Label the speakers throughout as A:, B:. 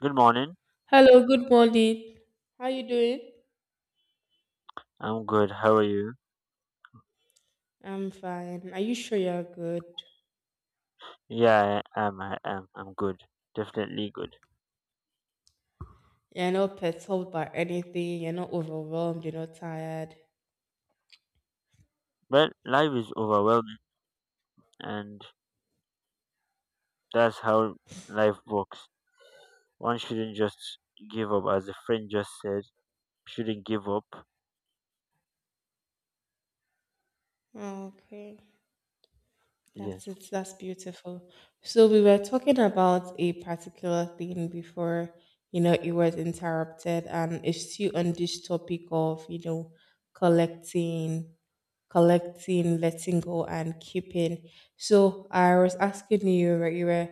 A: Good morning.
B: Hello, good morning. How you doing?
A: I'm good. How are you?
B: I'm fine. Are you sure you're good?
A: I am. I'm good. Definitely good.
B: You're not perturbed by anything. You're not overwhelmed. You're not tired.
A: Well, life is overwhelming, and that's how life works. One shouldn't just give up, as a friend just said. Shouldn't give up.
B: Okay, that's
A: Yes.
B: it. That's beautiful. So we were talking about a particular thing before, it was interrupted, and it's still on this topic of, collecting collecting, letting go, and keeping. So I was asking you, right, you were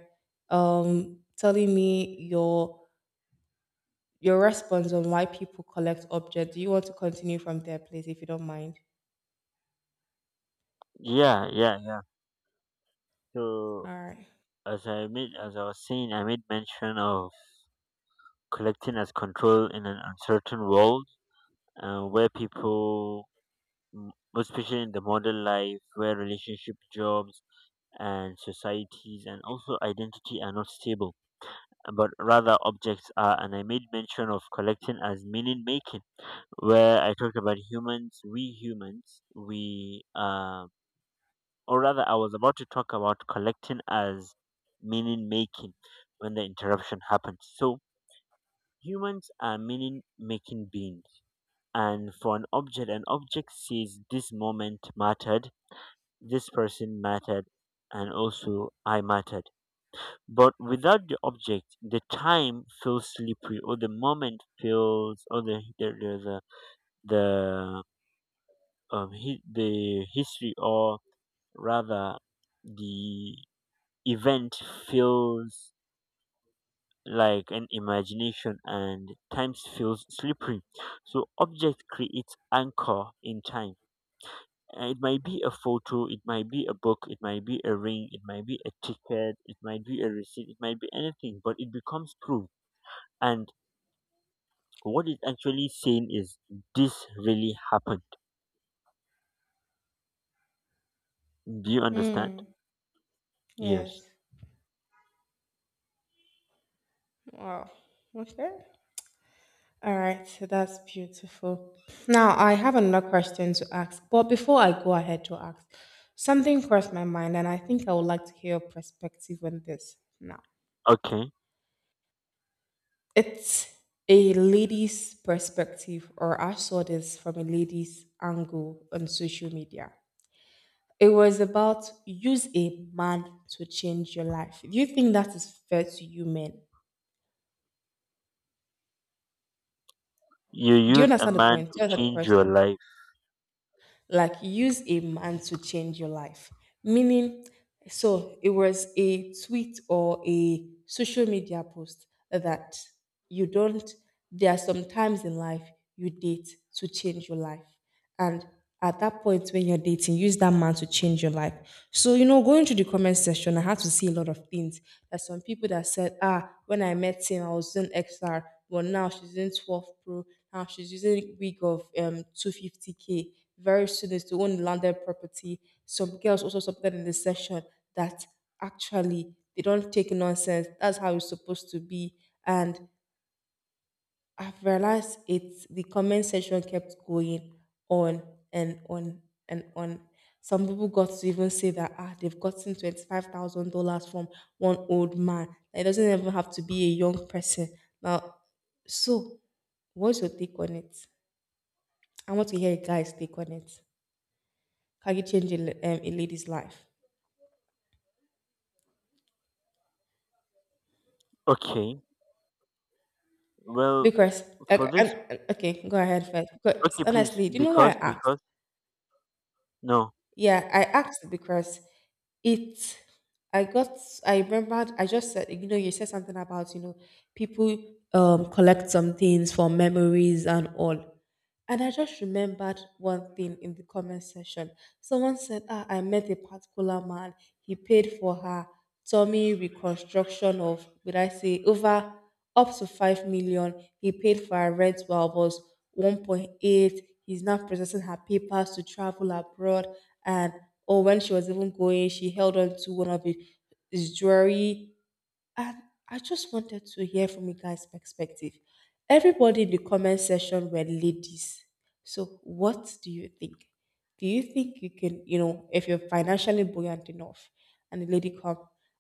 B: telling me your response on why people collect objects. Do you want to continue from there, please, if you don't mind?
A: Yeah. So,
B: All right.
A: as I was saying, I made mention of collecting as control in an uncertain world, where people, especially in the modern life, where relationship, jobs and societies and also identity are not stable, but rather objects are. And I made mention of collecting as meaning making, where I talked about humans we or rather I was about to talk about collecting as meaning making when the interruption happened so humans are meaning making beings and for an object says this moment mattered this person mattered and also I mattered But without the object, the time feels slippery, or the moment feels, or the, hi- the history, rather, the event feels like an imagination, and times feels slippery. So object creates anchor in time. It might be a photo, it might be a book, it might be a ring, it might be a ticket, it might be a receipt, it might be anything, but it becomes proof. And what is actually saying is, this really happened. Do you understand?
B: Hmm.
A: Yes.
B: Yes. Wow. Okay. All right. So that's beautiful. Now I have another question to ask, but before I go ahead to ask, something crossed my mind, and I think I would like to hear your perspective on this now.
A: Okay.
B: It's a lady's perspective, or I saw this from a lady's angle on social media. It was about use a man to change your life. Do you think that is fair to you men?
A: You
B: Do you
A: use a
B: understand the
A: man
B: point? Do
A: to
B: you understand the
A: change your
B: question?
A: life.
B: Like, use a man to change your life. Meaning, so it was a tweet or a social media post that you don't, there are some times in life you date to change your life. And at that point when you're dating, use that man to change your life. So, you know, going through the comment section, I had to see a lot of things. There's some people that said, ah, when I met him, I was doing XR, but now she's in 12 Pro. Now she's using wig of 250K. Very soon is to own landed property. Some girls also supported in the session that actually they don't take nonsense. That's how it's supposed to be. And I've realized it's the comment section kept going on and on and on. Some people got to even say that ah, they've gotten $25,000 from one old man. Like, it doesn't even have to be a young person. Now, so what's your take on it? I want to hear a guy's take on it. Can you change a lady's life?
A: Okay. Well,
B: Because
A: for
B: okay,
A: this,
B: okay, go ahead first. Because
A: okay, please,
B: honestly, do you know why I asked?
A: no.
B: Yeah, I asked because it I got I remembered, I just said, you know, you said something about, you know, people collect some things for memories and all. And I just remembered one thing in the comment section. Someone said, ah, I met a particular man. He paid for her tummy reconstruction of, would I say, over up to 5 million. He paid for her rent while it was 1.8. He's now processing her papers to travel abroad. And, or when she was even going, she held on to one of his jewelry. And I just wanted to hear from you guys' perspective. Everybody in the comment section were ladies. So what do you think? Do you think you can, you know, if you're financially buoyant enough and a lady come,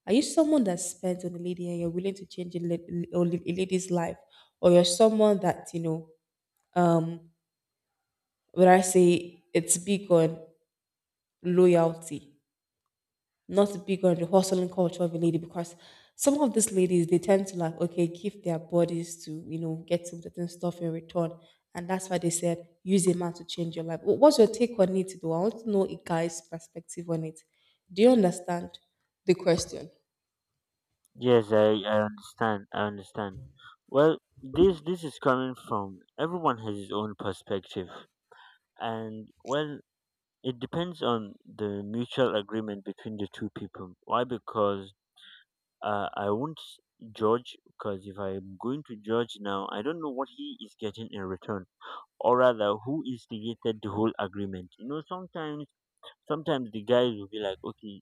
B: are you someone that spends on a lady and you're willing to change or a lady's life? Or you're someone that, you know, when I say it's big on loyalty, not big on the hustling culture of a lady, because some of these ladies they tend to like, okay, give their bodies to, you know, get some certain stuff in return, and that's why they said use a man to change your life. What's your take on it though? I want to know a guy's perspective on it. Do you understand the question?
A: Yes, I understand. I understand. Well, this is coming from everyone has his own perspective. And, well, it depends on the mutual agreement between the two people. Why? Because I won't judge, because if I'm going to judge now, I don't know what he is getting in return, or rather, who instigated the whole agreement. You know, sometimes the guys will be like, okay,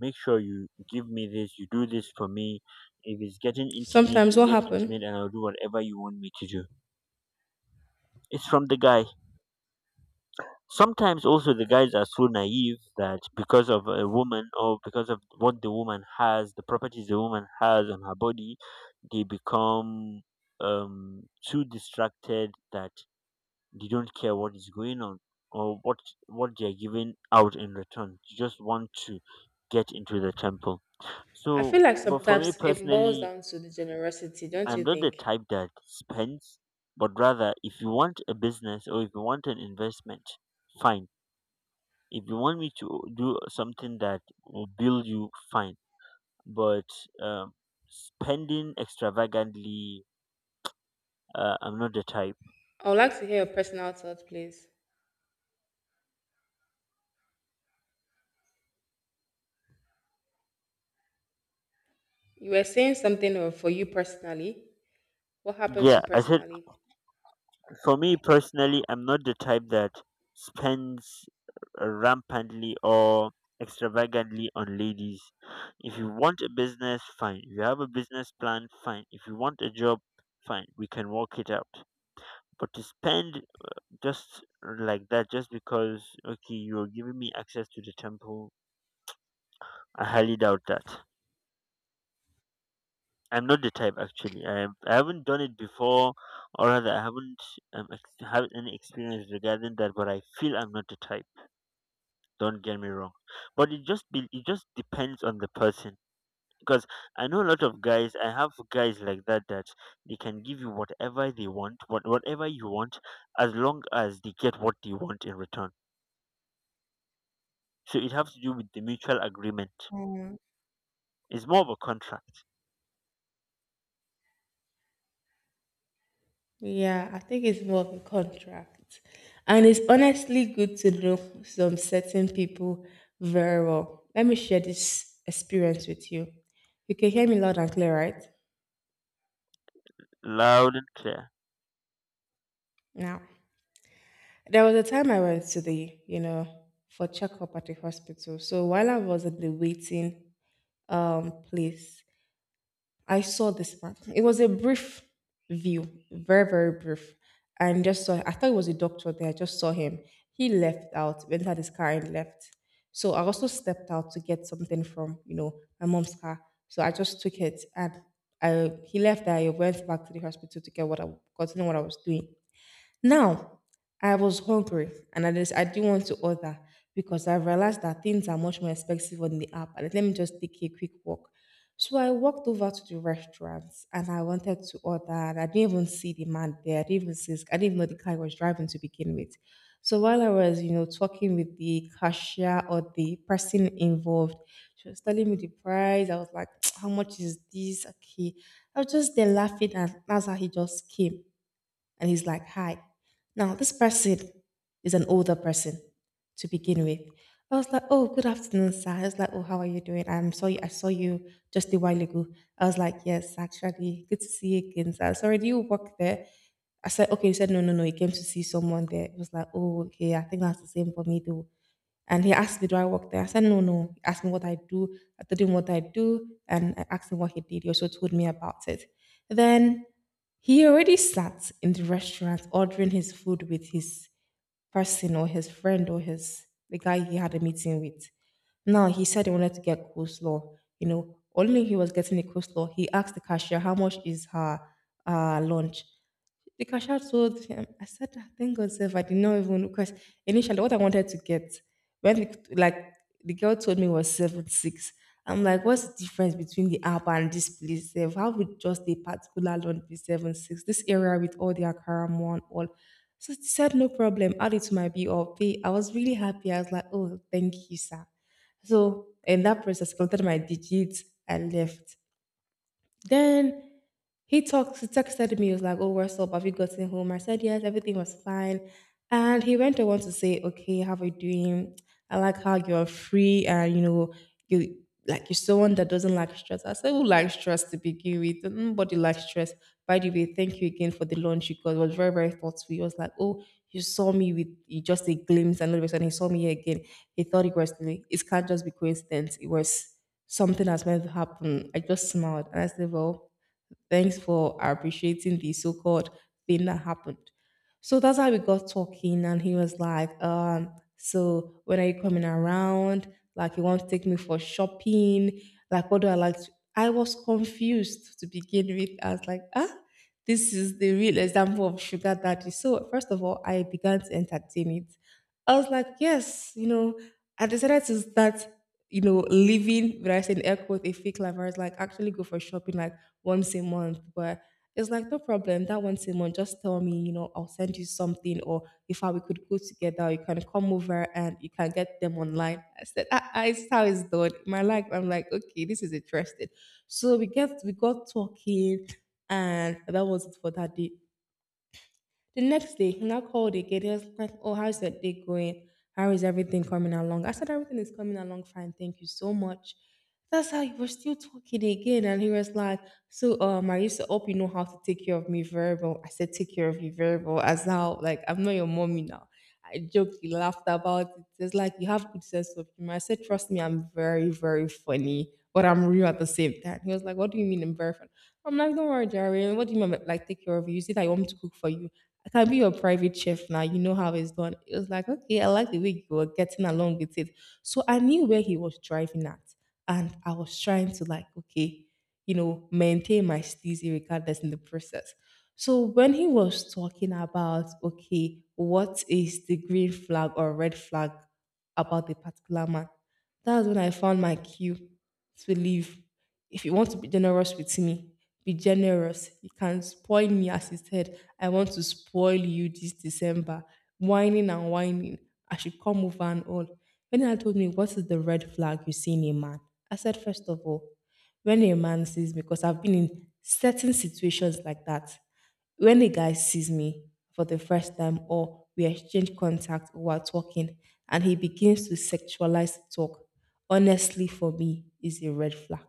A: make sure you give me this, you do this for me. If it's getting intimate,
B: Sometimes
A: we
B: what
A: get intimate,
B: happen?
A: and I'll do whatever you want me to do. It's from the guy. Sometimes also the guys are so naive that because of a woman, or because of what the woman has, the properties the woman has on her body, they become too distracted that they don't care what is going on, or what they are giving out in return. They just want to get into the temple.
B: I
A: So,
B: feel like
A: but for me
B: sometimes it boils
A: personally,
B: down to the generosity, don't
A: I'm
B: you
A: not the
B: think?
A: type that spends, but rather, if you want a business, or if you want an investment, fine. If you want me to do something that will build you, fine. But um, spending extravagantly, I'm not the type.
B: I would like to hear your personal thoughts, please. You were saying for you personally. What happened
A: Yeah,
B: to
A: I said,
B: personally?
A: for me personally, I'm not the type that spends rampantly or extravagantly on ladies. If you want a business, fine. If you have a business plan, fine. If you want a job, fine, we can work it out. But to spend just like that, just because okay, you're giving me access to the temple, I highly doubt that. I'm not the type. Actually, I haven't done it before, or rather I haven't had any experience regarding that, but I feel I'm not the type. Don't get me wrong, but it just depends on the person, because I know a lot of guys, I have guys like that, that they can give you whatever they want, whatever you want, as long as they get what they want in return. So it has to do with the mutual agreement. It's more of a contract.
B: Yeah, I think it's more of a contract. And it's honestly good to know some certain people very well. Let me share this experience with you. You can hear me loud and clear, right?
A: Loud and clear.
B: Now, there was a time I went to the, you know, for checkup at the hospital. So while I was at the waiting place, I saw this man. It was a brief view, very, very brief. And just saw, I thought it was a doctor there. I just saw him. He left out, went had his car and left. So I also stepped out to get something from, you know, my mom's car. So I just took it and he left. I went back to the hospital to get continue what I was doing. Now, I was hungry and I do want to order because I realized that things are much more expensive on the app. And let me just take a quick walk. So I walked over to the restaurant and I wanted to order. And I didn't even see the man there. I didn't even see I didn't even know the car he was driving to begin with. So while I was, you know, talking with the cashier or the person involved, she was telling me the price. I was like, "How much is this?" Okay, I was just there laughing, and that's how he just came and he's like, "Hi." Now, this person is an older person to begin with. I was like, "Oh, good afternoon, sir." I was like, "Oh, how are you doing? I'm sorry, I saw you just a while ago." I was like, "Yes, actually, good to see you again, sir. Sorry, do you work there?" I said, okay. He said, "No, no, no, he came to see someone there." It was like, "Oh, okay, I think that's the same for me, though." And he asked me, "Do I work there?" I said, "No, no." He asked me what I do. I told him what I do, and I asked him what he did. He also told me about it. Then he already sat in the restaurant ordering his food with his person or his friend or his the guy he had a meeting with. Now he said he wanted to get coleslaw. You know, only he was getting the coleslaw. He asked the cashier how much is her lunch. The cashier told him, I said, "Ah, thank God, self, I did not even, because initially what I wanted to get when it- like the girl told me was 76. I'm like, what's the difference between the app and this place? Self? How would just a particular loan be 76? This area with all the Akaram one all." So she said, no problem, add it to my bill or pay. I was really happy. I was like, "Oh, thank you, sir." So in that process, counted my digits, I left. Then he talked, he texted me, he was like, "Oh, what's up? Have you gotten home?" I said, "Yes, everything was fine." And he went on to say, "Okay, how are you doing? I like how you're free and, you know, you like you're someone that doesn't like stress." I said, "Who likes stress to begin with? Nobody likes stress. By the way, thank you again for the lunch you got. It was very, very thoughtful." He was like, "Oh, you saw me with, you just a glimpse, and all of a sudden he saw me here again. He thought it was me. It can't just be coincidence. It was something has meant to happen." I just smiled and I said, "Well, thanks for appreciating the so called thing that happened." So that's how we got talking, and he was like, "So when are you coming around? Like you want to take me for shopping? Like what do I like to—" I was confused to begin with. I was like, "Ah, this is the real example of sugar daddy." So first of all, I began to entertain it. I was like, "Yes, you know, I decided to start, you know, living, when I say in air quotes, a fake life." I was like, actually go for shopping. Like, once a month. But it's like, no problem. That once a month, just tell me, you know, I'll send you something. Or if I, we could go together, you can come over and you can get them online. I said, "Ah, ah, it's how it's done." In my life, I'm like, "Okay, this is interesting." So we got talking, and that was it for that day. The next day, he now called again. He was like, "Oh, how's that day going? How is everything coming along?" I said, "Everything is coming along fine. Thank you so much." That's how we were still talking again. And he was like, "I used to hope you know how to take care of me very well." I said, "Take care of you very well." As how like, I'm not your mommy now. I joked, he laughed about it. It's like, You have good sense of humor. I said, Trust me, I'm very, very funny, but I'm real at the same time. He was like, What do you mean I'm very funny? I'm like, Don't worry, Jerry. What do you mean, by, like, take care of you? You see that you want me to cook for you? I can be your private chef now. You know how it's done. It was like, okay, I like the way you were getting along with it. So I knew where he was driving at. And I was trying to like, okay, maintain my steezy regardless in the process. So when he was talking about, okay, what is the green flag or red flag about the particular man, that's when I found my cue to live. If you want to be generous with me, be generous. You can spoil me as he said, I want to spoil you this December. Whining and whining. I should come over and all. When I told me, what is the red flag you see in a man? I said, first of all, when a man sees, because I've been in certain situations like that, when a guy sees me for the first time or we exchange contact or we're talking and he begins to sexualize talk, honestly for me is a red flag.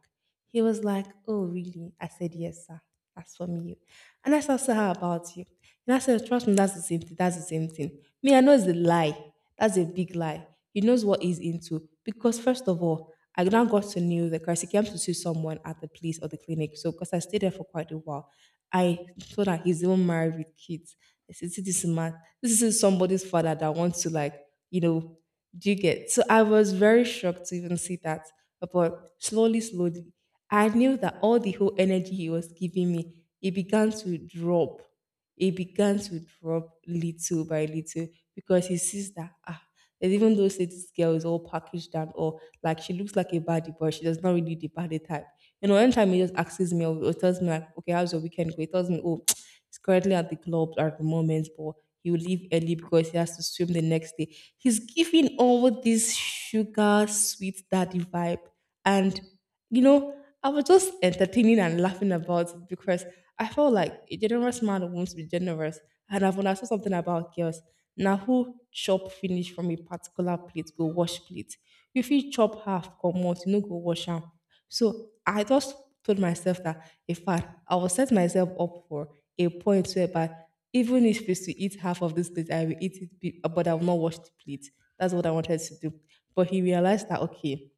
B: He was like, Oh, really? I said, Yes, sir. That's for me. And I said, So how about you? And I said, Trust me, that's the same thing. That's the same thing. Me, I know it's a lie. That's a big lie. He knows what he's into because first of all, I now got to know that because he came to see someone at the place or the clinic. So because I stayed there for quite a while, I saw that he's even married with kids. I said, see this man, this is somebody's father that wants to like, you know, do you get? So I was very shocked to even see that. But slowly, slowly, I knew that all the whole energy he was giving me, it began to drop. He began to drop little by little because he sees that ah, and even though say this girl is all packaged and all, like she looks like a baddie, but she does not really the baddie type. You know, anytime he just asks me or tells me like, okay, how's your weekend? Go?" He tells me, oh, he's currently at the club at the moment, but he will leave early because he has to swim the next day. He's giving all this sugar sweet daddy vibe, and I was just entertaining and laughing about it because I felt like a generous man wants to be generous. And I've understood something about girls. Now, who chop finish from a particular plate, go wash plate. If you chop half, come out, you no go wash am. So I just told myself that, in fact, I will set myself up for a point whereby even if it's to eat half of this plate, I will eat it, but I will not wash the plate. That's what I wanted to do. But he realized that, okay,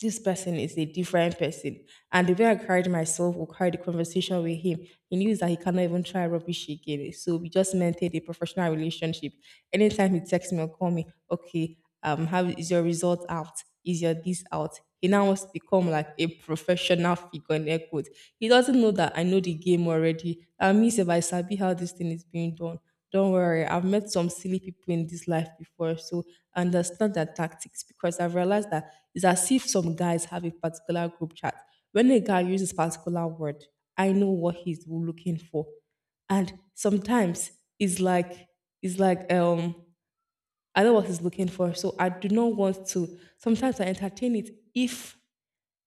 B: this person is a different person. And the way I carried myself or carried the conversation with him, he knew that he cannot even try rubbish again. So we just maintained a professional relationship. Anytime he texts me or call me, okay, how is your result out? Is your this out? He now wants to become like a professional figure in air quotes. He doesn't know that I know the game already. That means if I sabi how this thing is being done, don't worry, I've met some silly people in this life before, so I understand their tactics because I've realized that it's as if some guys have a particular group chat. When a guy uses particular word, I know what he's looking for, and sometimes it's like it's like I know what he's looking for, so I do not want to. Sometimes I entertain it if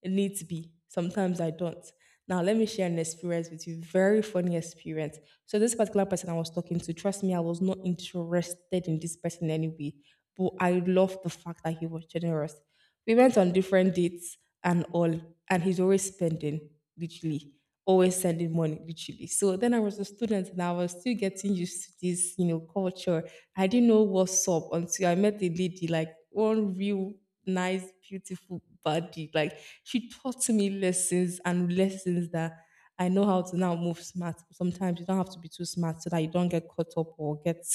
B: it needs to be. Sometimes I don't. Now, let me share an experience with you. Very funny experience. So, this particular person I was talking to, trust me, I was not interested in this person anyway, but I love the fact that he was generous. We went on different dates and all, and he's always spending, literally, always sending money, literally. So then I was a student and I was still getting used to this, you know, culture. I didn't know what's up until I met a lady, like one real nice, beautiful body. Like she taught me lessons and lessons that I know how to now move smart. Sometimes you don't have to be too smart so that you don't get caught up or get,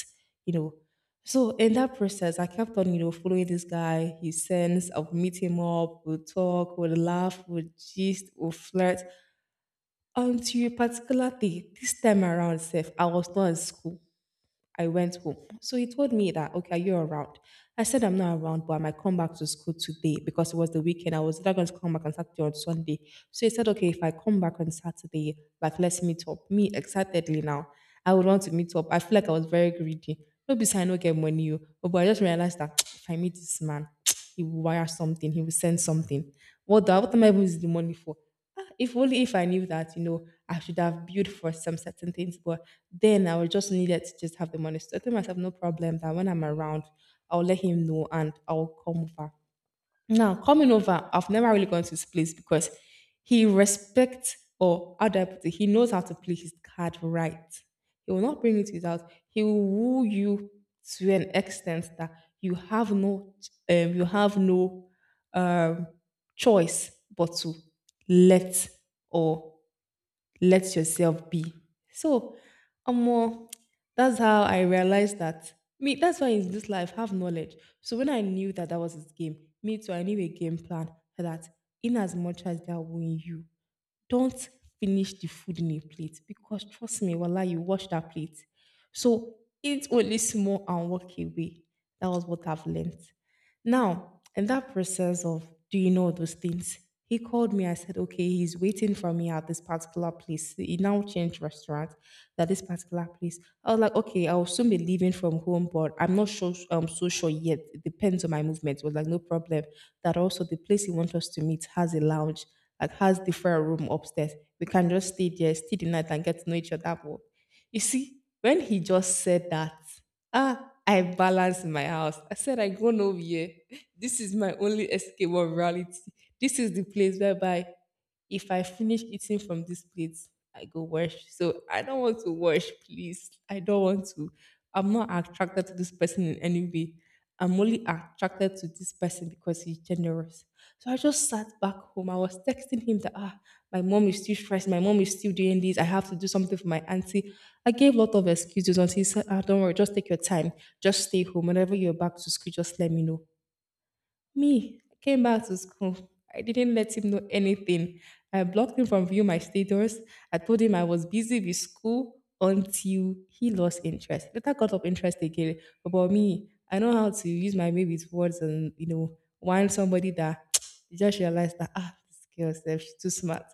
B: you know, so in that process, I kept on, you know, following this guy. He sends, I'll meet him up, we'll talk, we'll laugh, we'll gist, we'll flirt. Until a particular day, this time around, Seth, I was not in school. I went home. So he told me that, okay, are you around? I said, I'm not around, but I might come back to school today because it was the weekend. I was not going to come back on Saturday or Sunday. So he said, okay, if I come back on Saturday, like, let's meet up. Me, excitedly now, I would want to meet up. I feel like I was very greedy. No, besides, I no get money. Oh, But I just realized that if I meet this man, he will wire something, he will send something. What, the, what am I even using the money for? Ah, If only if I knew that, you know, I should have built for some certain things, but then I was just needed to just have the money. So I told myself, no problem, that when I'm around, I'll let him know and I'll come over. Now, coming over, I've never really gone to his place because he respects, or how do I put it, he knows how to play his card right. He will not bring it to his house. He will woo you to an extent that you have no, you have no um, choice but to let or let yourself be. So, um, that's how I realized that me. That's why in this life have knowledge. So when I knew that that was his game, me too. I knew a game plan that in as much as they are wooing you, don't finish the food in a plate because trust me, voila, you wash that plate. So eat only small and walk away. That was what I've learned. Now, in that process of, do you know those things? He called me. I said, okay, he's waiting for me at this particular place. He now changed restaurant at this particular place. I was like, okay, I'll soon be leaving from home, but I'm not so sure yet. It depends on my movement. It was like, no problem. That also the place he wants us to meet has a lounge, like has different room upstairs. We can just stay there, stay the night and get to know each other more. You see, when he just said that, Ah, I balance in my house. I said I go over here. This is my only escape of reality. This is the place whereby if I finish eating from this plate, I go wash. So I don't want to wash, please. I don't want to. I'm not attracted to this person in any way. I'm only attracted to this person because he's generous. So I just sat back home. I was texting him that ah, my mom is still stressed. My mom is still doing this. I have to do something for my auntie. I gave a lot of excuses until he said, ah, don't worry, just take your time. Just stay home. Whenever you're back to school, just let me know. Me, I came back to school. I didn't let him know anything. I blocked him from viewing my status. I told him I was busy with school until he lost interest. Later got up interest again. But About me, I know how to use my baby's words and warn somebody that you just realized that ah, this girl self, she's too smart.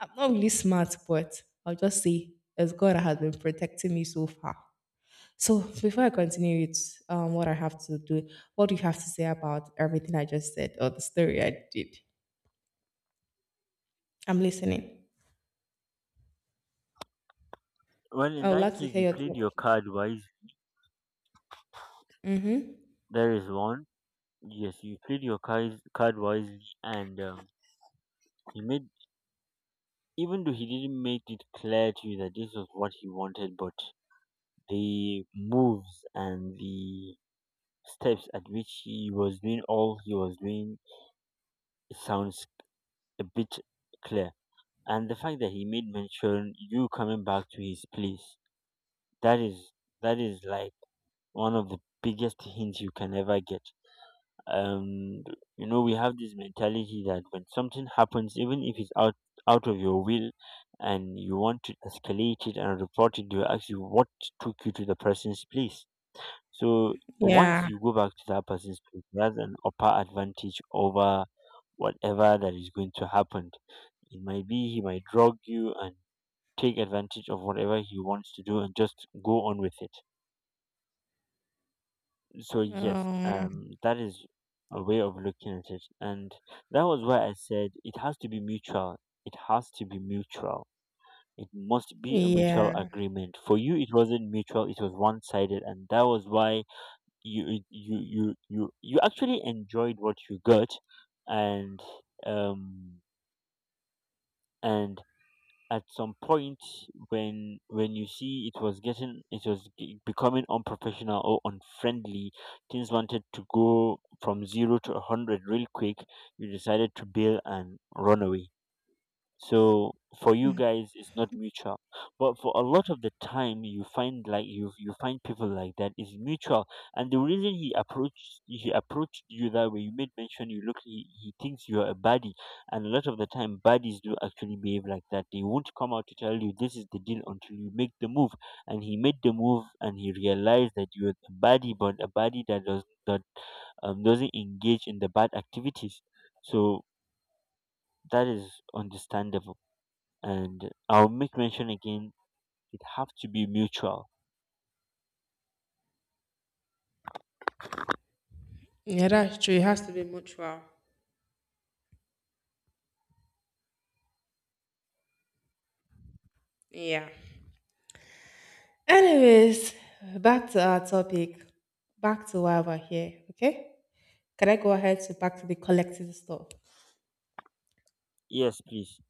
B: I'm not really smart, but I'll just say it's God that has been protecting me so far. So before I continue with what I have to do, what do you have to say about everything I just said or the story I did? I'm listening.
A: Well, in
B: I would
A: that
B: like to
A: case, you
B: hear your
A: played your
B: thoughts.
A: card wise.
B: Mm-hmm.
A: There is one. Yes, you played your card wisely, and he made, even though he didn't make it clear to you that this was what he wanted, but the moves and the steps at which he was doing all he was doing sounds a bit clear. And the fact that he made mention you coming back to his place, that is, that is like one of the biggest hints you can ever get. Um, you know, we have this mentality that when something happens, even if it's out of your will, and you want to escalate it and report it, they will ask you what took you to the person's place. So once
B: Yeah.
A: you go back to that person's place, that's an upper advantage over whatever that is going to happen. It might be he might drug you and take advantage of whatever he wants to do and just go on with it. So yes,
B: Um,
A: that is a way of looking at it, and that was why I said it has to be mutual. It has to be mutual. It must be a mutual
B: yeah.
A: agreement. For you, it wasn't mutual, it was one sided and that was why you actually enjoyed what you got. And um and at some point, when you see it was getting, it was becoming unprofessional or unfriendly, things wanted to go from 0 to a 100 real quick, you decided to bail and run away. So for you guys it's not mutual, but for a lot of the time, you find, like, you find people like that is mutual. And the reason he approached you that way, you made mention, you look, he thinks you're a baddie. And a lot of the time, baddies do actually behave like that. They won't come out to tell you this is the deal until you make the move, and he made the move and he realized that you're a baddie, but a baddie that doesn't engage in the bad activities. So that is understandable, and I'll make mention again, it have to be mutual.
B: Yeah, that's true. It has to be mutual. Yeah. Anyways, back to our topic. Back to why we're here. Okay. Can I go ahead to back to the collective stuff?
A: Yes, please.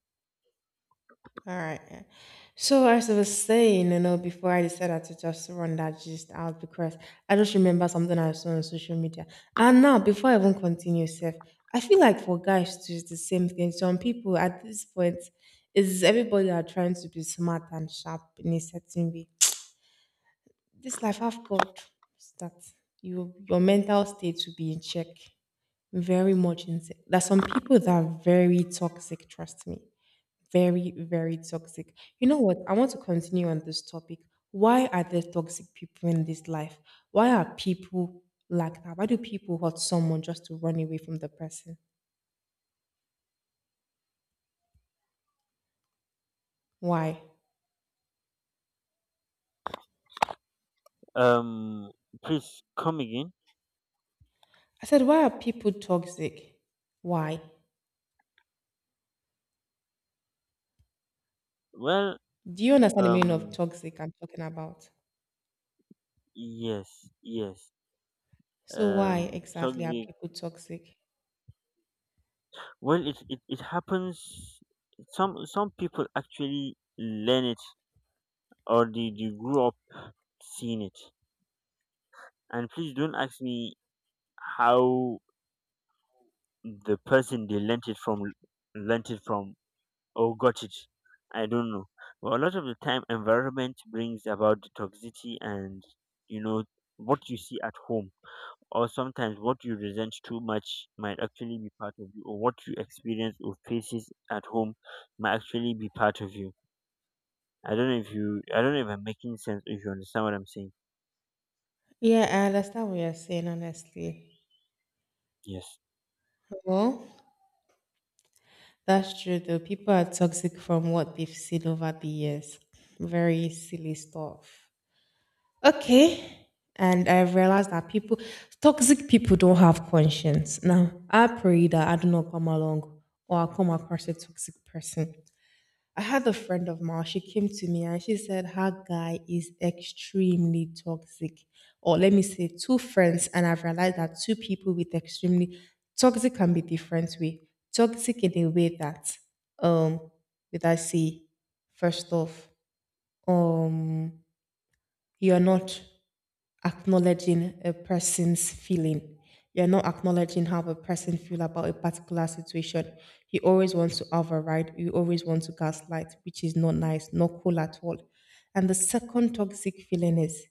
B: All right. So as I was saying, before I decided to just run that gist out because I just remember something I saw on social media. And now, before I even continue, Seth, I feel like for guys too, it's the same thing. Some people at this point is everybody are trying to be smart and sharp in a certain way. This life I've got is that your mental state will be in check, very much in check. There's some people that are very toxic. Trust me, very, very toxic. You know what? I want to continue on this topic. Why are there toxic people in this life? Why are people like that? Why do people hurt someone just to run away from the person? Why?
A: Um, Please come again.
B: I said, why are people toxic? Why?
A: Well,
B: Do you understand the meaning of
A: um,
B: toxic I'm talking about?
A: yes, yes.
B: So why exactly are
A: Toxic.
B: people toxic?
A: Well, it happens. Some people actually learn it, or they grew up seeing it. And please don't ask me how the person they learnt it from or got it. I don't know. But a lot of the time, environment brings about the toxicity, and you know, what you see at home, or sometimes what you resent too much might actually be part of you, or what you experience or faces at home might actually be part of you. I don't know if I'm making sense, if you understand what I'm saying.
B: Yeah, I understand what you're saying, honestly.
A: Yes,
B: Well, that's true though. People are toxic from what they've seen over the years. Very silly stuff. Okay. And I realized that people, toxic people don't have conscience. Now, I pray that I do not come along or I come across a toxic person. I had a friend of mine, she came to me and she said her guy is extremely toxic. Or let me say, two friends. And I've realized that two people with extremely toxic can be different way. Toxic in a way that, um, with I say, first off, um, you're not acknowledging a person's feeling. You're not acknowledging how the person feel about a particular situation. You always want to override. You always want to gaslight, which is not nice, not cool at all. And the second toxic feeling is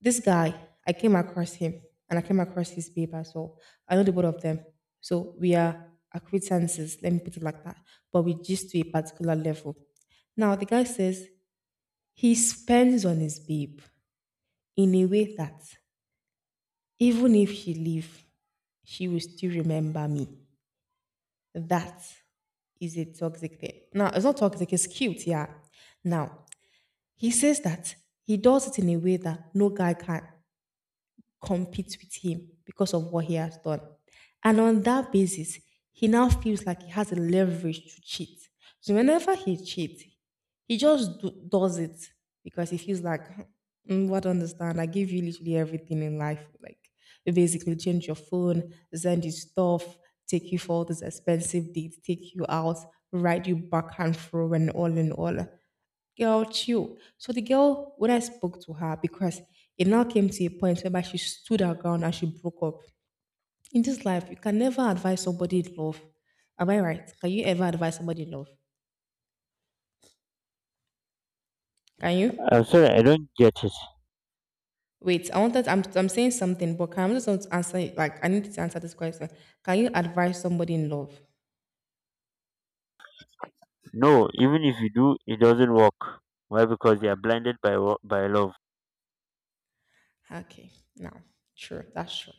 B: this guy. I came across him, and I came across his babe as well. I know the both of them, so we are acquaintances. Let me put it like that. But we just to a particular level. Now the guy says he spends on his babe in a way that even if she leave, she will still remember me. That is a toxic thing. Now, it's not toxic, it's cute, yeah. Now, he says that he does it in a way that no guy can compete with him because of what he has done. And on that basis, he now feels like he has a leverage to cheat. So whenever he cheats, he just does it because he feels like, "Mm, what understand? I give you literally everything in life. Like, you basically change your phone, send you stuff, take you for all these expensive dates, take you out, ride you back and forth, and all in all. Girl, chill." So the girl, when I spoke to her, because it now came to a point whereby she stood her ground and she broke up. In this life, you can never advise somebody in love. Am I right? Can you ever advise somebody in love? Can you?
A: I'm sorry, I don't get it.
B: Wait, I wanted. I'm saying something, but can I just want to answer? It, Like I need to answer this question. Can you advise somebody in love?
A: No, even if you do, it doesn't work. Why? Because they are blinded by by love. I
B: Okay, now, sure, that's true.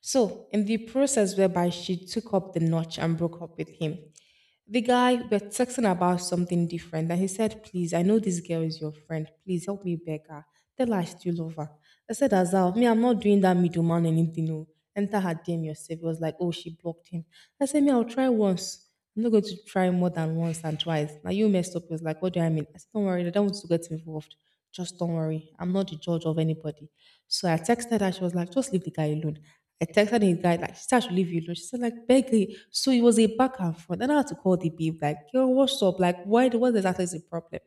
B: So, in the process whereby she took up the notch and broke up with him, the guy, we're texting about something different. And he said, "Please, I know this girl is your friend. Please help me beg her. Tell her I still love her." I said, "Azal, me, I'm not doing that middleman anything. No. Enter her DM yourself." It was like, "Oh, she blocked him." I said, "Me, I'll try once. I'm not going to try more than once and twice. Now you messed up." It was like, "What do I mean?" I said, "Don't worry. I don't want to get involved. Just don't worry. I'm not the judge of anybody." So I texted her. She was like, "Just leave the guy alone." I texted his guy, like, she said I should leave you alone. She said, like, begging. So it was a back and forth. And I had to call the babe, like, "Yo, what's up? Like, why, what exactly is the problem?"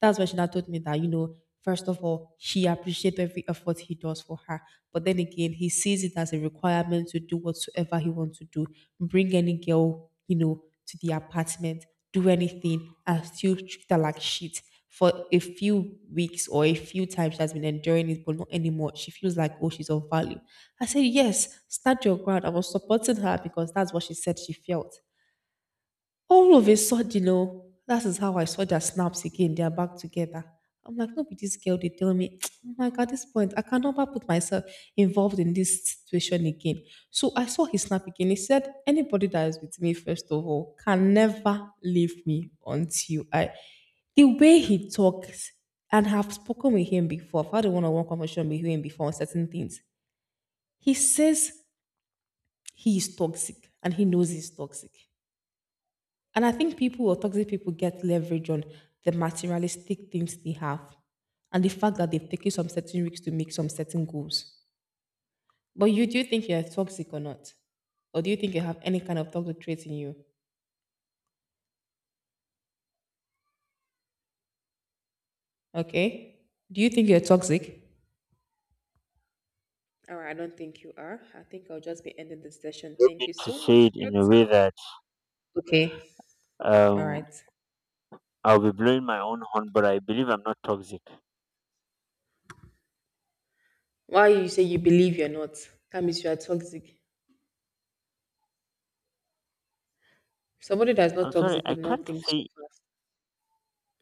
B: That's when she now told me that, you know, first of all, she appreciates every effort he does for her. But then again, he sees it as a requirement to do whatsoever he wants to do, bring any girl, you know, to the apartment, do anything, and still treat her like shit. For a few weeks or a few times she has been enduring it, but not anymore. She feels like, oh, she's of value. I said, yes, stand your ground. I was supporting her because that's what she said she felt. All of a sudden, oh, that is how I saw their snaps again. They are back together. I'm like, no, but this girl, they tell me, I'm like, at this point, I can never put myself involved in this situation again. So I saw his snap again. He said, anybody that is with me, first of all, can never leave me until I. The way he talks, and have spoken with him before, I've had a one on one conversation with him before on certain things. He says he is toxic and he knows he's toxic. And I think people or toxic people get leverage on the materialistic things they have and the fact that they've taken some certain risks to make some certain goals. But you do you think you're toxic or not? Or do you think you have any kind of toxic traits in you? Okay. Do you think you're toxic? All right, I don't think you are. I think I'll just be ending this session.
A: don't
B: Thank
A: mean
B: you
A: to
B: so
A: say
B: much
A: it
B: for your
A: in a
B: time.
A: way that
B: Okay. All
A: um
B: right.
A: I'll be blowing my own horn, but I believe I'm not toxic.
B: Why you say you believe you're not? That means you are toxic. Somebody that's not
A: I'm sorry,
B: toxic would not think so fast.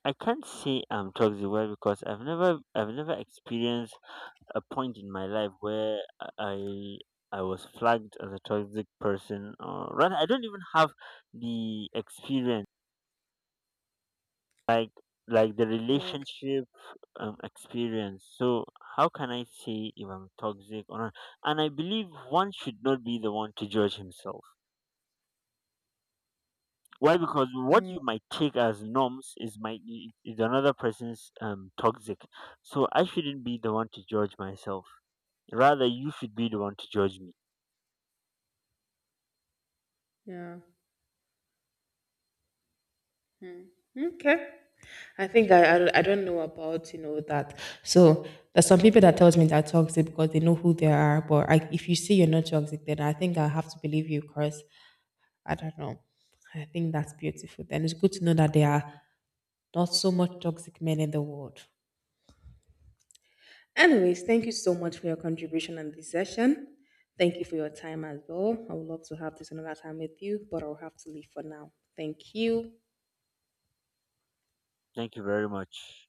A: I can't say I'm toxic. Why? Because I've never experienced a point in my life where I I was flagged as a toxic person, or rather, I don't even have the experience. like like the
B: Okay.
A: relationship experience. So how can I say if I'm toxic or not? And I believe one should not be the one to judge himself. Why? Because what
B: Mm,
A: you might take as norms is another person's toxic. So I shouldn't be the one to judge myself, rather you should be the one to judge me.
B: yeah. Okay. I don't know about you know that. So there's some people that tells me they're toxic because they know who they are. But I, if you say you're not toxic, then I think I have to believe you. Cause I don't know. I think that's beautiful. Then it's good to know that there are not so much toxic men in the world. Anyways, thank you so much for your contribution on this session. Thank you for your time as well. I would love to have this another time with you, but I'll have to leave for now. Thank you.
A: Thank you very much.